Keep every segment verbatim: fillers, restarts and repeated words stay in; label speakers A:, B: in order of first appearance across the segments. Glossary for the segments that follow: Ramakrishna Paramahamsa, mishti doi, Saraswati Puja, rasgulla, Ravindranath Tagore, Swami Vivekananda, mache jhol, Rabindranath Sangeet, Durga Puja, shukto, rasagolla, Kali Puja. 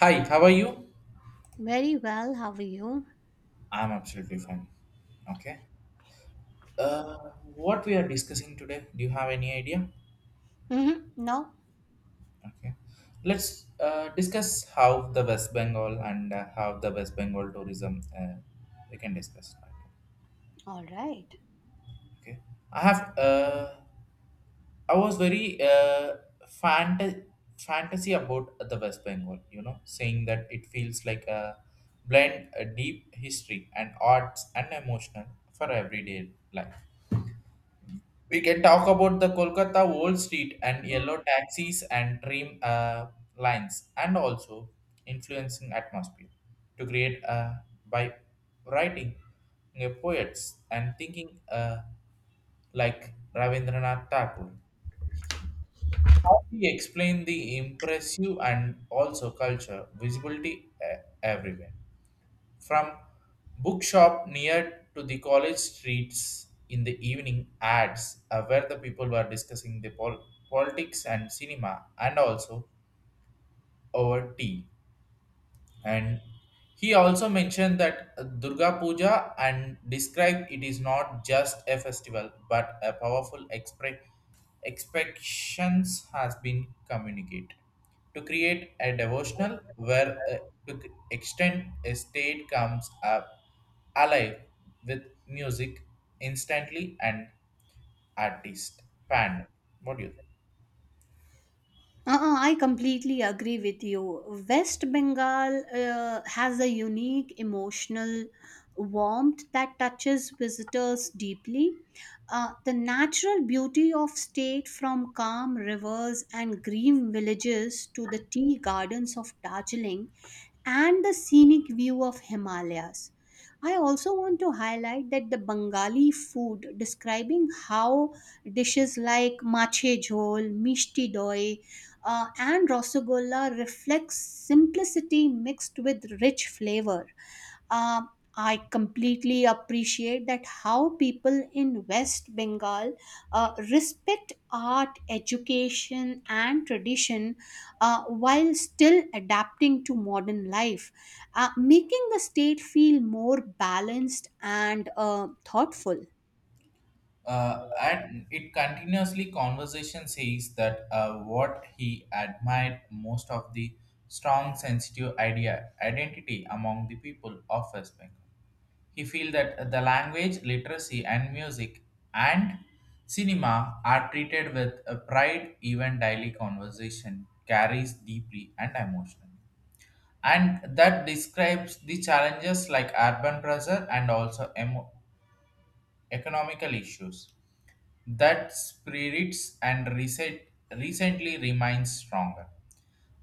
A: Hi, how are you?
B: Very well, how are you?
A: I'm absolutely fine. Okay. Uh, what we are discussing today, do you have any idea?
B: Mm-hmm. No?
A: Okay. Let's uh, discuss how the West Bengal and uh, how the West Bengal tourism, uh, we can discuss that.
B: All right.
A: Okay. I have uh, I was very uh, fant- fantasy about the West Bengal, you know, saying that it feels like a blend a deep history and arts and emotional for everyday life. We can talk about the Kolkata Wall Street and yellow taxis and dream, uh, lines, and also influencing atmosphere to create, uh, by writing, uh, poets and thinking, uh, like Ravindranath Tagore. How we explain the impressive and also culture visibility, uh, everywhere from bookshop near to the college streets in the evening ads, uh, where the people were discussing the pol- politics and cinema and also over tea. And he also mentioned that, uh, Durga Puja, and described it is not just a festival but a powerful expre- expectations has been communicated to create a devotional where, uh, to c- extend a state comes up alive with music instantly and artist pan. What do you?
B: Uh-uh, I completely agree with you. West Bengal uh, has a unique emotional warmth that touches visitors deeply. Uh, the natural beauty of state from calm rivers and green villages to the tea gardens of Darjeeling and the scenic view of Himalayas. I also want to highlight that the Bengali food, describing how dishes like mache jhol, mishti doi, uh, and rasagolla reflects simplicity mixed with rich flavor. Um, I completely appreciate that how people in West Bengal uh, respect art, education, and tradition uh, while still adapting to modern life, uh, making the state feel more balanced and uh, thoughtful.
A: Uh, and it continuously conversation says that, uh, what he admired most of the strong sensitive idea identity among the people of West Bengal. He feel that the language, literacy, and music and cinema are treated with a pride. Even daily conversation carries deeply and emotionally, and that describes the challenges like urban pressure and also emo- economical issues that spirits and recent recently remains stronger.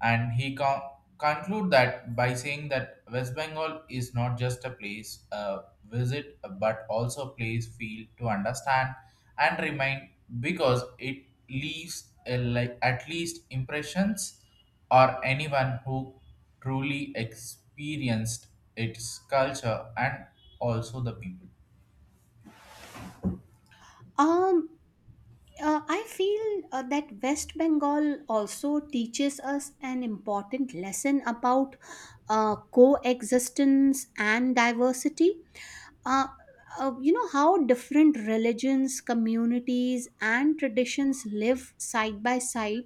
A: And he con- conclude that by saying that West Bengal is not just a place a visit, but also a place feel to understand and remain because it leaves a, like at least impressions or anyone who truly experienced its culture and also the people.
B: Um, uh, I feel uh, that West Bengal also teaches us an important lesson about uh, coexistence and diversity, uh, uh, you know how different religions communities and traditions live side by side,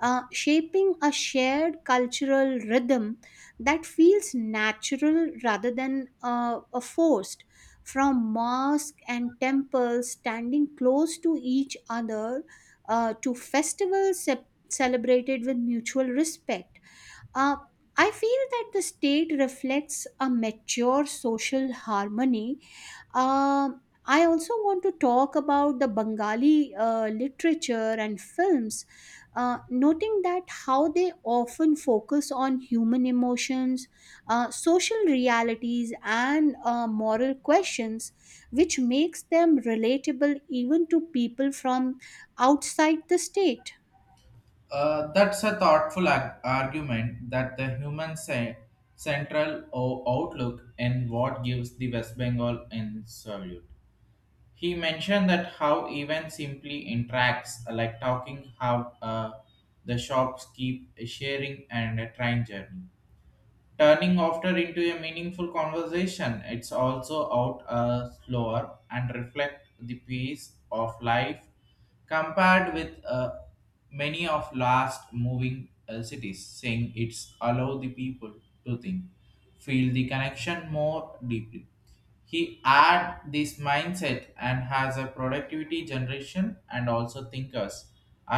B: uh, shaping a shared cultural rhythm that feels natural rather than uh, a forced from mosque and temples standing close to each other uh, to festivals ce- celebrated with mutual respect. Uh, i feel that the state reflects a mature social harmony. um, I also want to talk about the Bengali uh, literature and films, uh, noting that how they often focus on human emotions, uh, social realities, and uh, moral questions, which makes them relatable even to people from outside the state.
A: Uh, that's a thoughtful ar- argument that the human ce- central o- outlook and what gives the West Bengal insolute. He mentioned that how even simply interacts, like talking how, uh, the shops keep sharing and a train journey turning after into a meaningful conversation. It's also out, uh, slower and reflect the pace of life compared with, uh, many of last moving, uh, cities, saying it's allow the people to think feel the connection more deeply. He add this mindset and has a productivity generation and also thinkers,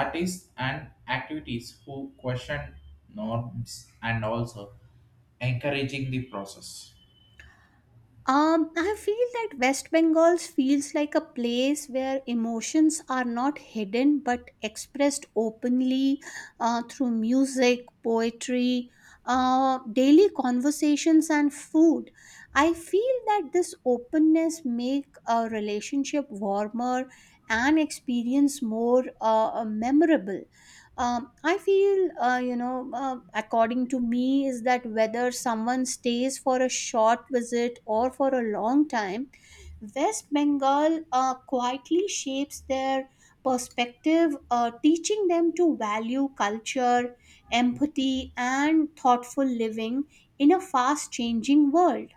A: artists, and activities who question norms and also encouraging the process.
B: Um, I feel that West Bengal feels like a place where emotions are not hidden but expressed openly, uh, through music, poetry, uh, daily conversations, and food. I feel that this openness make a relationship warmer and experience more uh, memorable. Um, i feel, uh, you know, uh, according to me is that whether someone stays for a short visit or for a long time, west bengal uh, quietly shapes their perspective, uh, teaching them to value culture, empathy and thoughtful living in a fast changing world.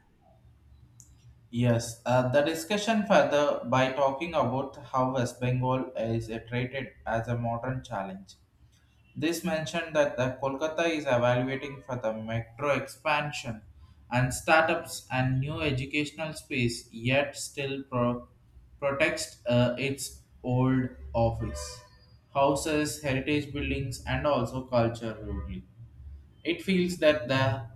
A: Yes, uh, the discussion further by talking about how West Bengal is, uh, treated as a modern challenge. This mentioned that the Kolkata is evaluating for the metro expansion and startups and new educational space, yet still pro- protects, uh, its old office, houses, heritage buildings, and also culture rudely. It feels that the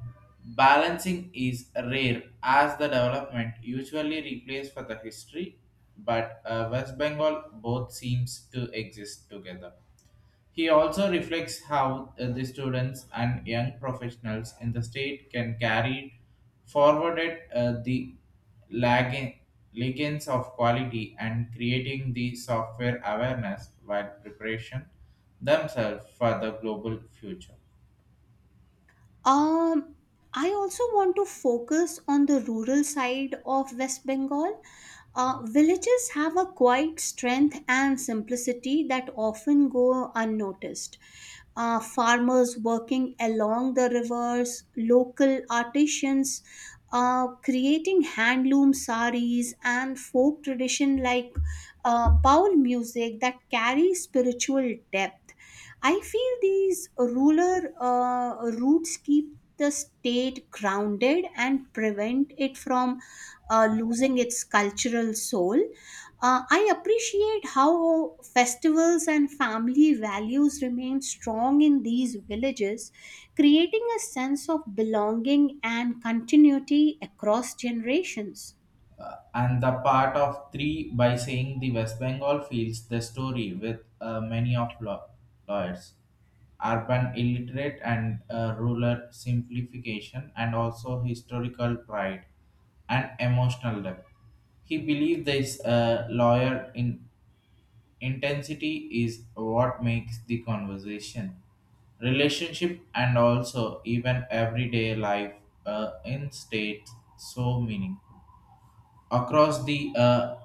A: balancing is rare as the development usually replaces for the history, but, uh, West Bengal both seems to exist together. He also reflects how, uh, the students and young professionals in the state can carry forwarded, uh, the lagging legends of quality and creating the software awareness while preparation themselves for the global future.
B: Um, I also want to focus on the rural side of West Bengal. Uh, villages have a quiet strength and simplicity that often go unnoticed. Uh, farmers working along the rivers, local artisans uh, creating handloom saris, and folk tradition like uh, bowl music that carry spiritual depth. I feel these rural uh, roots keep the state grounded and prevent it from uh, losing its cultural soul. Uh, I appreciate how festivals and family values remain strong in these villages, creating a sense of belonging and continuity across generations.
A: Uh, and the part of three by saying the West Bengal feels the story with, uh, many of law- lawyers, urban illiterate and, uh, rural simplification, and also historical pride and emotional depth. He believed this, uh, lawyer in intensity is what makes the conversation, relationship, and also even everyday life, uh, in state, so meaning across the, uh,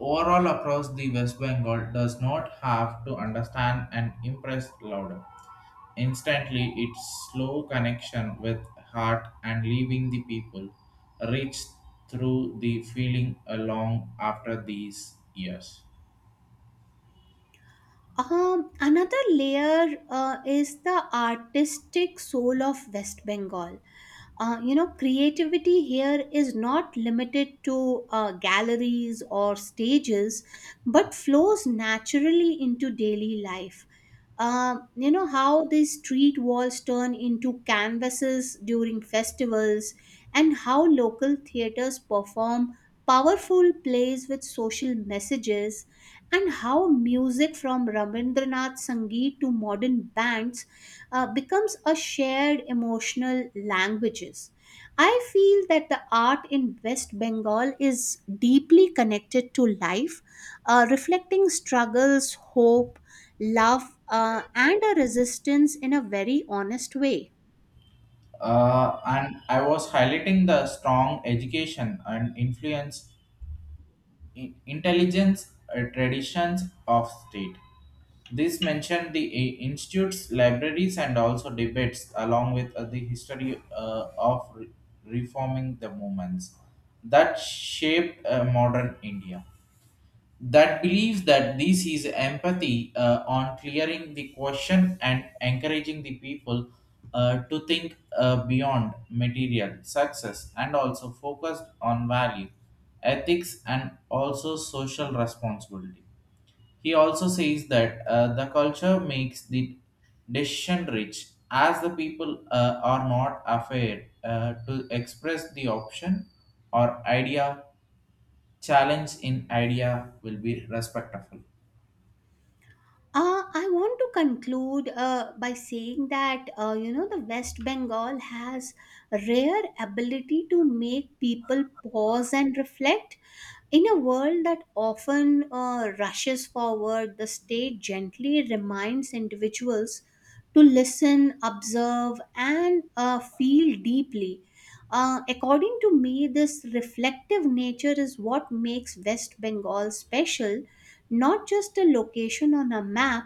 A: overall across the West Bengal does not have to understand and impress louder. Instantly, its slow connection with heart and leaving the people reached through the feeling along after these years.
B: Um, another layer uh, is the artistic soul of West Bengal. Uh, you know, creativity here is not limited to uh, galleries or stages, but flows naturally into daily life. Um, you know, how these street walls turn into canvases during festivals, and how local theaters perform powerful plays with social messages, and how music from Rabindranath Sangeet to modern bands uh, becomes a shared emotional languages. I feel that the art in West Bengal is deeply connected to life, uh, reflecting struggles, hope, love, uh, and a resistance in a very honest way.
A: Uh, and I was highlighting the strong education and influence, i- intelligence, uh, traditions of state. This mentioned the i- institute's libraries and also debates, along with, uh, the history, uh, of re- reforming the movements that shaped, uh, modern India. That believes that this is empathy, uh, on clearing the question and encouraging the people, uh, to think, uh, beyond material success and also focused on value, ethics, and also social responsibility. He also says that, uh, the culture makes the decision rich, as the people, uh, are not afraid, uh, to express the option or idea. Challenge in idea will be respectful.
B: Uh, I want to conclude uh, by saying that, uh, you know, the West Bengal has rare ability to make people pause and reflect. In a world that often uh, rushes forward, the state gently reminds individuals to listen, observe, and uh, feel deeply. Uh, according to me, this reflective nature is what makes West Bengal special, not just a location on a map,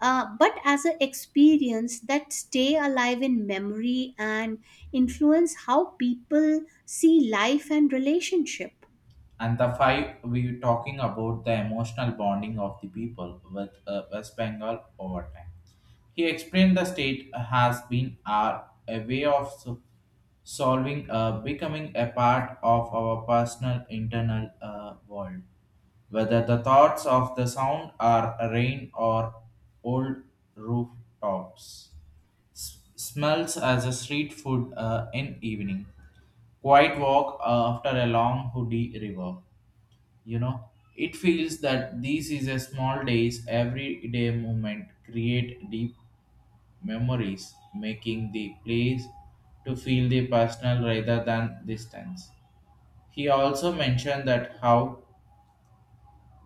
B: uh, but as an experience that stay alive in memory and influence how people see life and relationship.
A: And the five, we were talking about the emotional bonding of the people with, uh, West Bengal over time. He explained the state has been our, a way of so- solving, uh, becoming a part of our personal internal, uh, world. Whether the thoughts of the sound are rain or old rooftops, S- smells as a street food, uh, in evening. Quiet walk after a long hoodie river, you know it feels that this is a small days everyday moment create deep memories making the place to feel the personal rather than distance. He also mentioned that how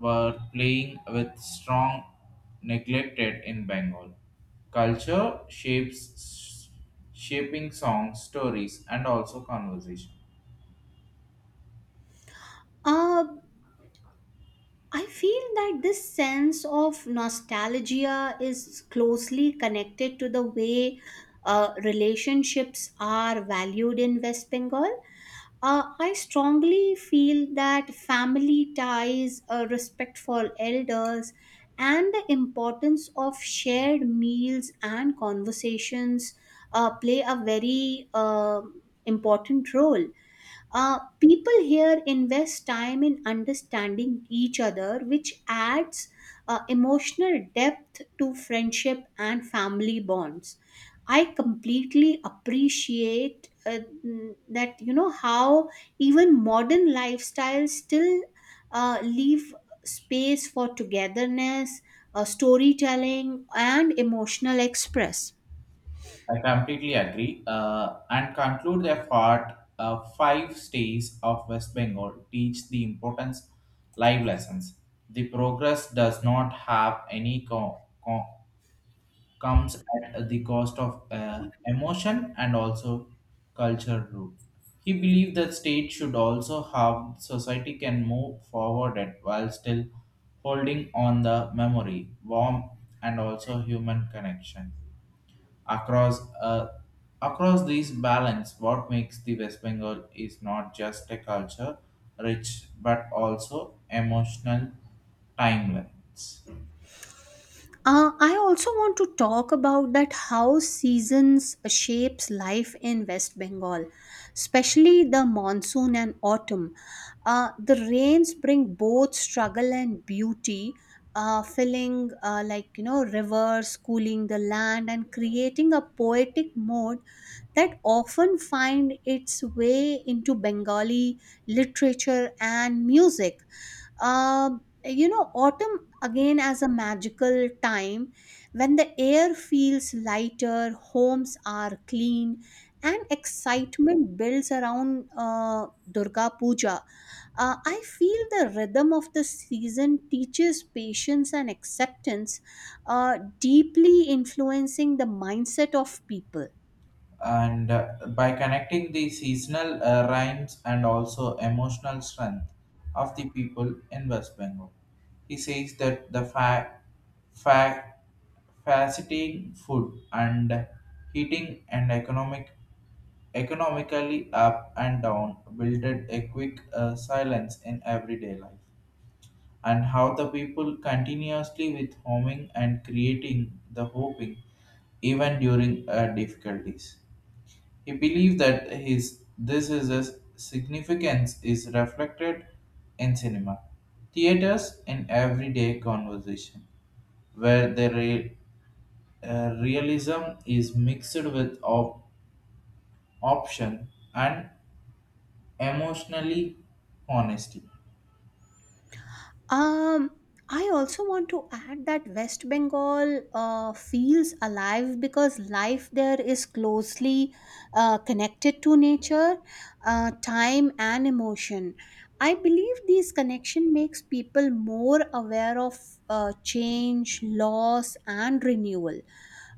A: were playing with strong neglected in Bengal culture shapes shaping songs, stories, and also conversation.
B: Uh, I feel that this sense of nostalgia is closely connected to the way uh, relationships are valued in West Bengal. Uh, I strongly feel that family ties, uh, respect for elders, and the importance of shared meals and conversations uh, play a very uh, important role. Uh, people here invest time in understanding each other, which adds uh, emotional depth to friendship and family bonds. I completely appreciate, uh, mm, that, you know, how even modern lifestyles still uh, leave space for togetherness, uh, storytelling, and emotional express.
A: I completely agree. Uh, and conclude the thought, uh, five states of West Bengal teach the importance live lessons. The progress does not have any co- co- comes at the cost of, uh, emotion and also culture root. He believed that state should also have society can move forward at while still holding on the memory, warmth, and also human connection. Across uh, across these balance, what makes the West Bengal is not just a culture rich but also emotional timelines.
B: Uh, I also want to talk about that how seasons shapes life in West Bengal, especially the monsoon and autumn. Uh, the rains bring both struggle and beauty, uh, filling uh, like you know rivers, cooling the land, and creating a poetic mode that often find its way into Bengali literature and music. Um you know, autumn again as a magical time when the air feels lighter, homes are clean, and excitement builds around uh, Durga Puja. Uh, I feel the rhythm of the season teaches patience and acceptance, uh, deeply influencing the mindset of people.
A: and uh, by connecting the seasonal, uh, rhymes and also emotional strength of the people in West Bengal. He says that the fa- fa- facilitating food and heating and economic economically up and down builded a quick, uh, silence in everyday life. And how the people continuously with homing and creating the hoping even during, uh, difficulties. He believed that his this is a significance is reflected in cinema, theaters, and everyday conversation, where the re- uh, realism is mixed with op- option and emotionally honesty.
B: Um, I also want to add that West Bengal uh, feels alive because life there is closely uh, connected to nature, uh, time, and emotion. I believe these connection makes people more aware of uh, change, loss, and renewal.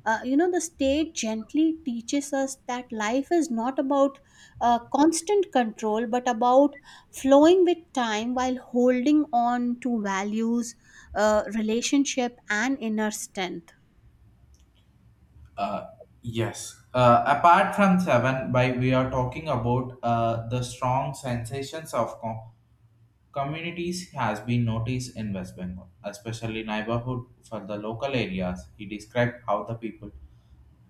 B: Uh, you know, the state gently teaches us that life is not about uh, constant control, but about flowing with time while holding on to values, uh, relationship, and inner strength.
A: Uh, yes. Uh, apart from Seven, by we are talking about, uh, the strong sensations of com- Communities has been noticed in West Bengal, especially neighborhood for the local areas. He described how the people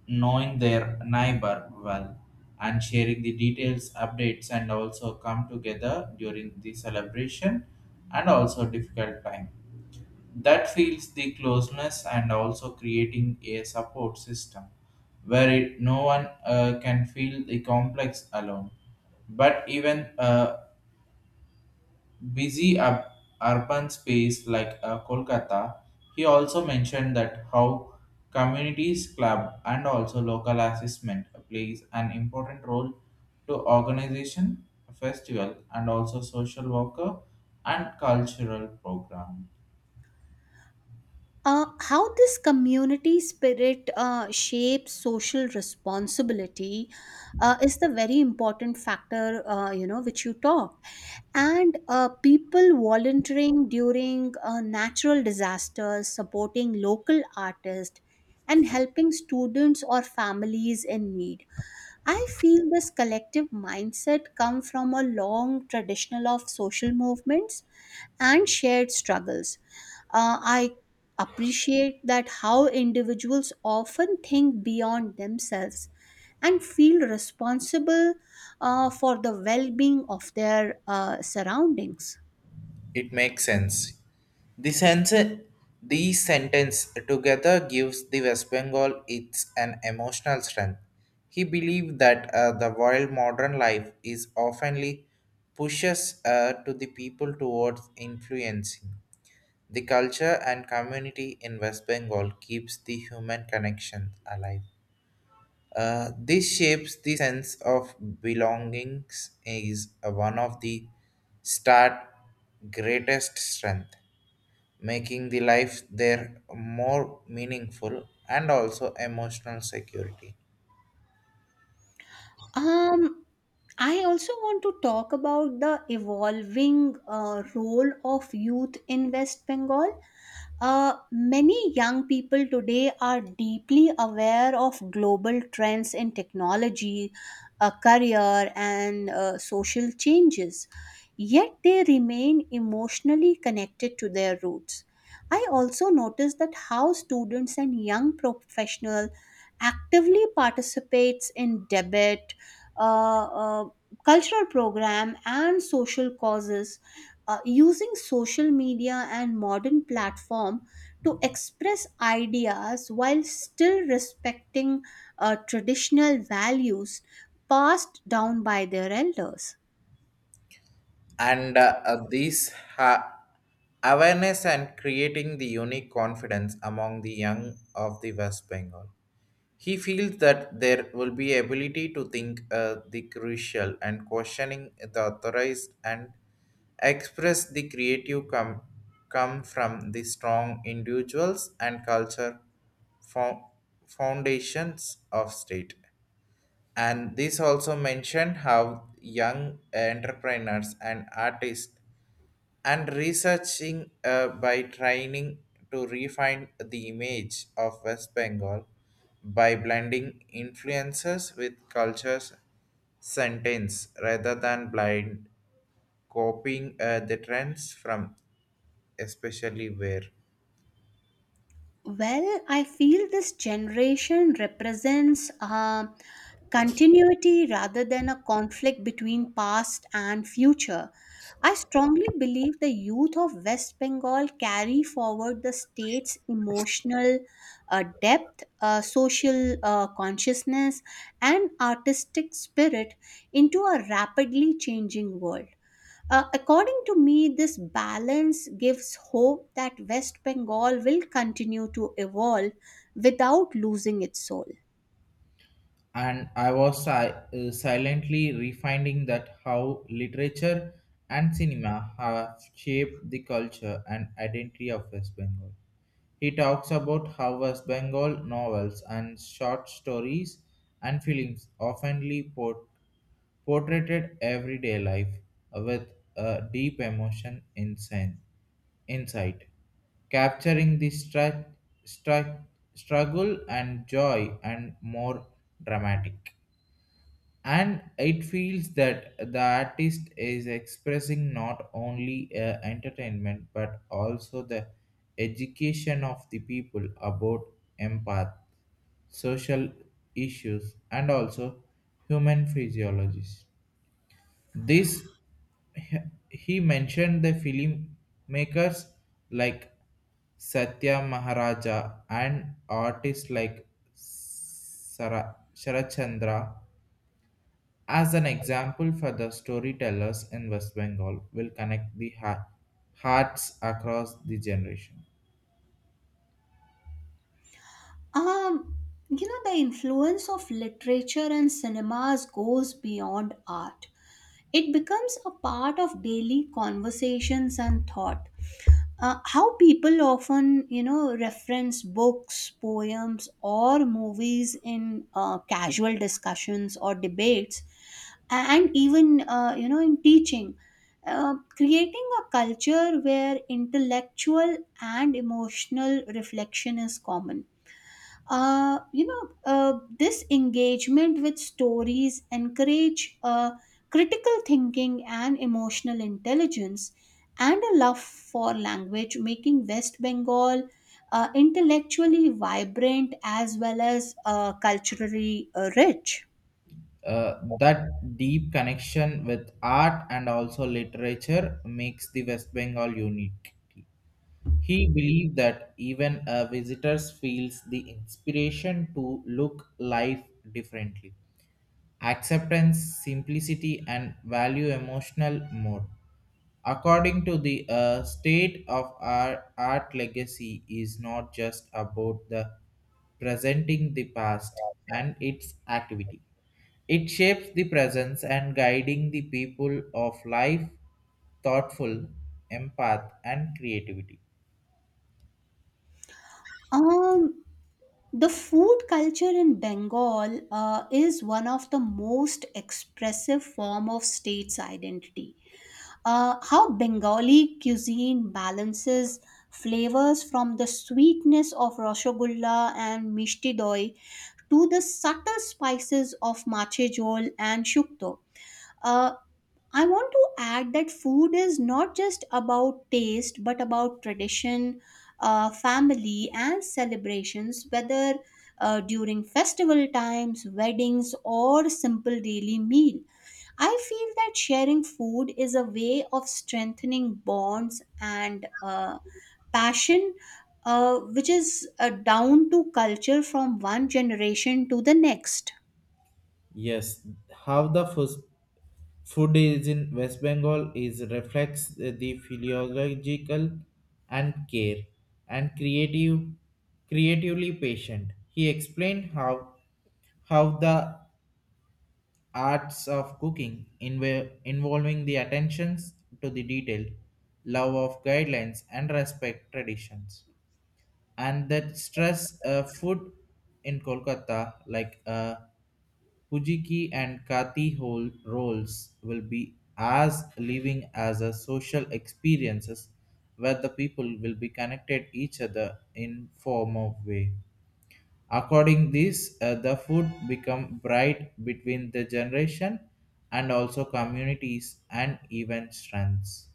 A: knowing their neighbor well and sharing the details, updates and also come together during the celebration and also difficult time. That feels the closeness and also creating a support system where it, no one, uh, can feel the complex alone. But even, uh, busy ur- urban space like, uh, Kolkata, he also mentioned that how communities club and also local assessment plays an important role to organization, festival, and also social worker and cultural program.
B: Uh, how this community spirit uh, shapes social responsibility uh, is the very important factor, uh, you know, which you talked, and uh, people volunteering during uh, natural disasters, supporting local artists, and helping students or families in need. I feel this collective mindset come from a long traditional of social movements and shared struggles. Uh, I appreciate that how individuals often think beyond themselves and feel responsible uh, for the well being of their uh, surroundings.
A: It makes sense. The sense, these sentence together gives the West Bengal its an emotional strength. He believed that, uh, the wild modern life is oftenly pushes, uh, to the people towards influencing. The culture and community in West Bengal keeps the human connection alive. Uh, this shapes the sense of belongings is, uh, one of the start greatest strength, making the life there more meaningful and also emotional security.
B: Um, I also want to talk about the evolving uh, role of youth in West Bengal. Uh, many young people today are deeply aware of global trends in technology, a career, and uh, social changes, yet they remain emotionally connected to their roots. I also notice that how students and young professionals actively participates in debate, uh, uh, cultural program, and social causes, uh, using social media and modern platform to express ideas while still respecting uh, traditional values passed down by their elders.
A: And uh, uh, these ha- awareness and creating the unique confidence among the young of the West Bengal. He feels that there will be ability to think, uh, the crucial and questioning the authorized and express the creative come come from the strong individuals and culture fo- foundations of state. And this also mentioned how young entrepreneurs and artists and researching, uh, by trying to refine the image of West Bengal by blending influences with cultures sentence rather than blind copying, uh, the trends from especially where.
B: Well, I feel this generation represents uh, continuity rather than a conflict between past and future. I strongly believe the youth of West Bengal carry forward the state's emotional uh, depth, uh, social uh, consciousness, and artistic spirit into a rapidly changing world. Uh, according to me, this balance gives hope that West Bengal will continue to evolve without losing its soul.
A: And I was si- uh, silently refining that how literature and cinema have shaped the culture and identity of West Bengal. He talks about how West Bengal novels and short stories and films oftenly port- portrayed everyday life with a deep emotion insight, insight capturing the stru- stru- struggle and joy and more dramatic. And it feels that the artist is expressing not only, uh, entertainment but also the education of the people about empath social issues and also human physiologies. This he he mentioned the filmmakers like Satya Maharaja and artists like Sara, sharachandra as an example for the storytellers in West Bengal will connect the ha- hearts across the generation.
B: Um, you know, the influence of literature and cinemas goes beyond art. It becomes a part of daily conversations and thought. Uh, how people often you know reference books poems or movies in uh, casual discussions or debates, and even, uh, you know, in teaching, uh, creating a culture where intellectual and emotional reflection is common. Uh, you know, uh, this engagement with stories encourage uh, critical thinking and emotional intelligence, and a love for language, making West Bengal uh, intellectually vibrant as well as uh, culturally uh, rich.
A: Uh, that deep connection with art and also literature makes the West Bengal unique. He believed that even, uh, visitors feels the inspiration to look life differently, acceptance, simplicity, and value emotional more. According to the, uh, state of our art legacy is not just about the presenting the past and its activity. It shapes the presence and guiding the people of life, thoughtful, empath, and creativity.
B: Um, the food culture in Bengal uh, is one of the most expressive form of state's identity. Uh, how Bengali cuisine balances flavors from the sweetness of rasgulla and mishti doi to the subtle spices of mache jol and shukto. Uh, I want to add that food is not just about taste, but about tradition, uh, family, and celebrations, whether uh, during festival times, weddings, or simple daily meal. I feel that sharing food is a way of strengthening bonds and uh, passion, uh, which is uh, down to culture from one generation to the next.
A: Yes, how the fus- food is in West Bengal is reflects the philological and care and creative, creatively patient. He explained how how the arts of cooking inv- involving the attentions to the detail, love of guidelines and respect traditions, and that stress, uh, food in Kolkata like. Uh, Pujiki and Kati hol- roles will be as living as a social experiences where the people will be connected each other in form of way. According this, uh, the food become bright between the generation and also communities and even strengths.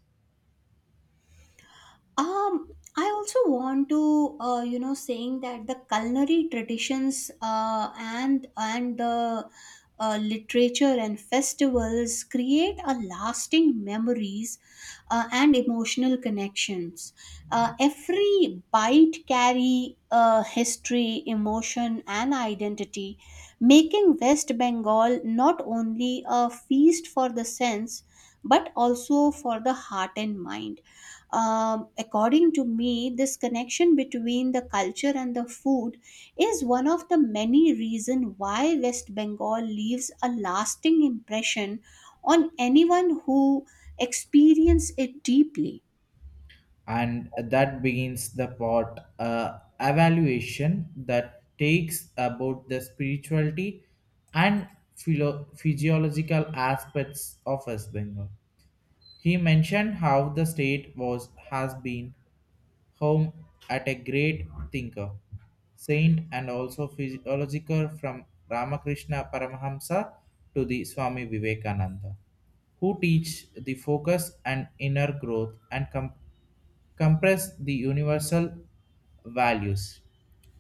B: Um, I also want to, uh, you know, saying that the culinary traditions uh, and and the uh, literature and festivals create a lasting memories uh, and emotional connections. Uh, every bite carry uh, history, emotion, and identity, making West Bengal not only a feast for the sense but also for the heart and mind. Um, according to me, this connection between the culture and the food is one of the many reasons why West Bengal leaves a lasting impression on anyone who experiences it deeply.
A: And that begins the part, uh, evaluation that takes about the spirituality and philo- physiological aspects of West Bengal. He mentioned how the state was has been home at a great thinker, saint, and also physiological from Ramakrishna Paramahamsa to the Swami Vivekananda who teach the focus and inner growth and com- compress the universal values.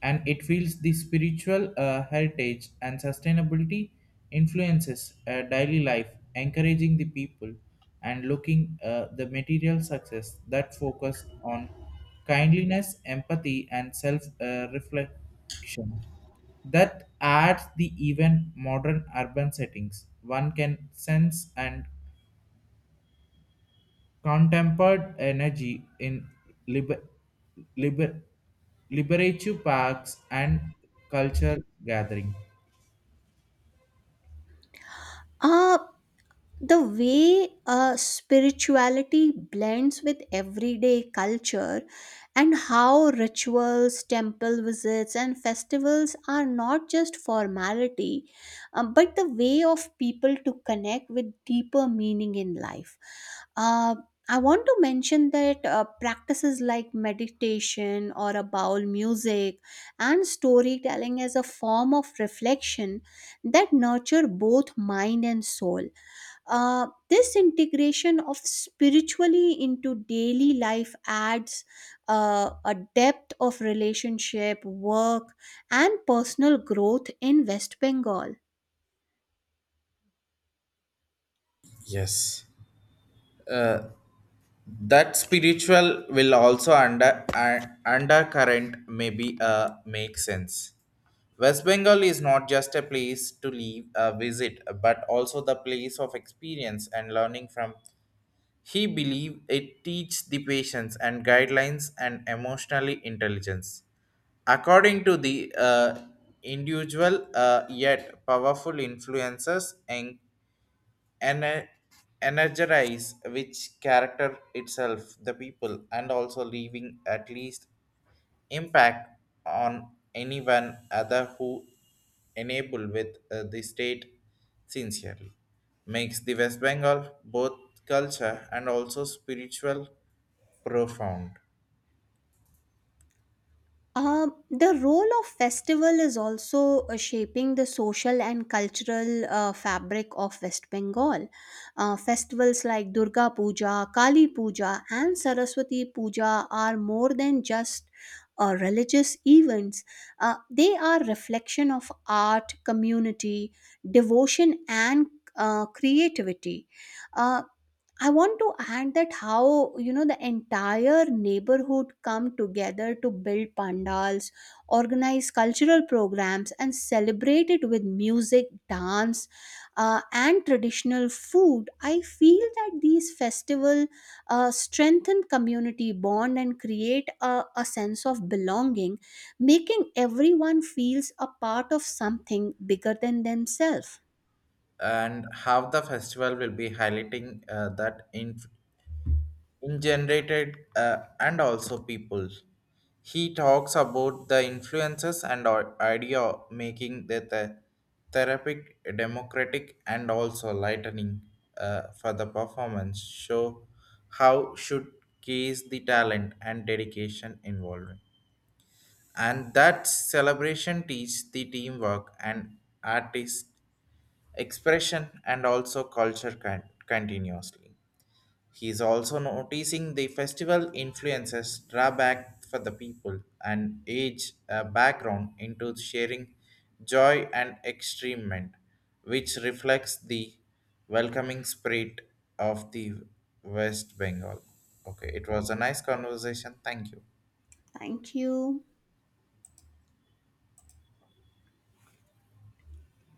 A: And it feels the spiritual, uh, heritage and sustainability influences, uh, daily life encouraging the people and looking, uh, the material success that focus on kindliness empathy and self, uh, reflection that adds the even modern urban settings one can sense and contemporary energy in liber, liber, liberative parks and culture gathering.
B: Uh, the way uh, spirituality blends with everyday culture, and how rituals temple visits and festivals are not just formality, um, but the way of people to connect with deeper meaning in life. uh, I want to mention that uh, practices like meditation or a bowl music and storytelling as a form of reflection that nurture both mind and soul. Uh, this integration of spiritually into daily life adds uh, a depth of relationship, work, and personal growth in West Bengal.
A: Yes. Uh, that spiritual will also under uh, undercurrent maybe, uh, make sense. West Bengal is not just a place to leave a visit, but also the place of experience and learning from. He believed it teaches the patience and guidelines and emotional intelligence. According to the, uh, individual, uh, yet powerful influences and ener- energize which character itself, the people, and also leaving at least impact on anyone other who enable with, uh, the state sincerely makes the West Bengal both culture and also spiritual profound.
B: Um, the role of festival is also uh, shaping the social and cultural uh, fabric of West Bengal. Uh, festivals like Durga Puja, Kali Puja, and Saraswati Puja are more than just uh, religious events. Uh, they are reflection of art, community, devotion, and uh, creativity. Uh, I want to add that how you know the entire neighborhood come together to build pandals, organize cultural programs, and celebrate it with music, dance, uh, and traditional food. I feel that these festival uh, strengthen community bond and create a, a sense of belonging, making everyone feels a part of something bigger than themselves.
A: And how the festival will be highlighting, uh, that in in generated, uh, and also people. He talks about the influences and or idea making the the therapeutic, democratic, and also lightening, uh, for the performance. Show how should case the talent and dedication involved, and that celebration teach the teamwork and artist expression and also culture con- continuously. He is also noticing the festival influences draw back for the people and age, uh, background into sharing joy and extremement, which reflects the welcoming spirit of the West Bengal. Okay, it was a nice conversation. Thank you.
B: Thank you.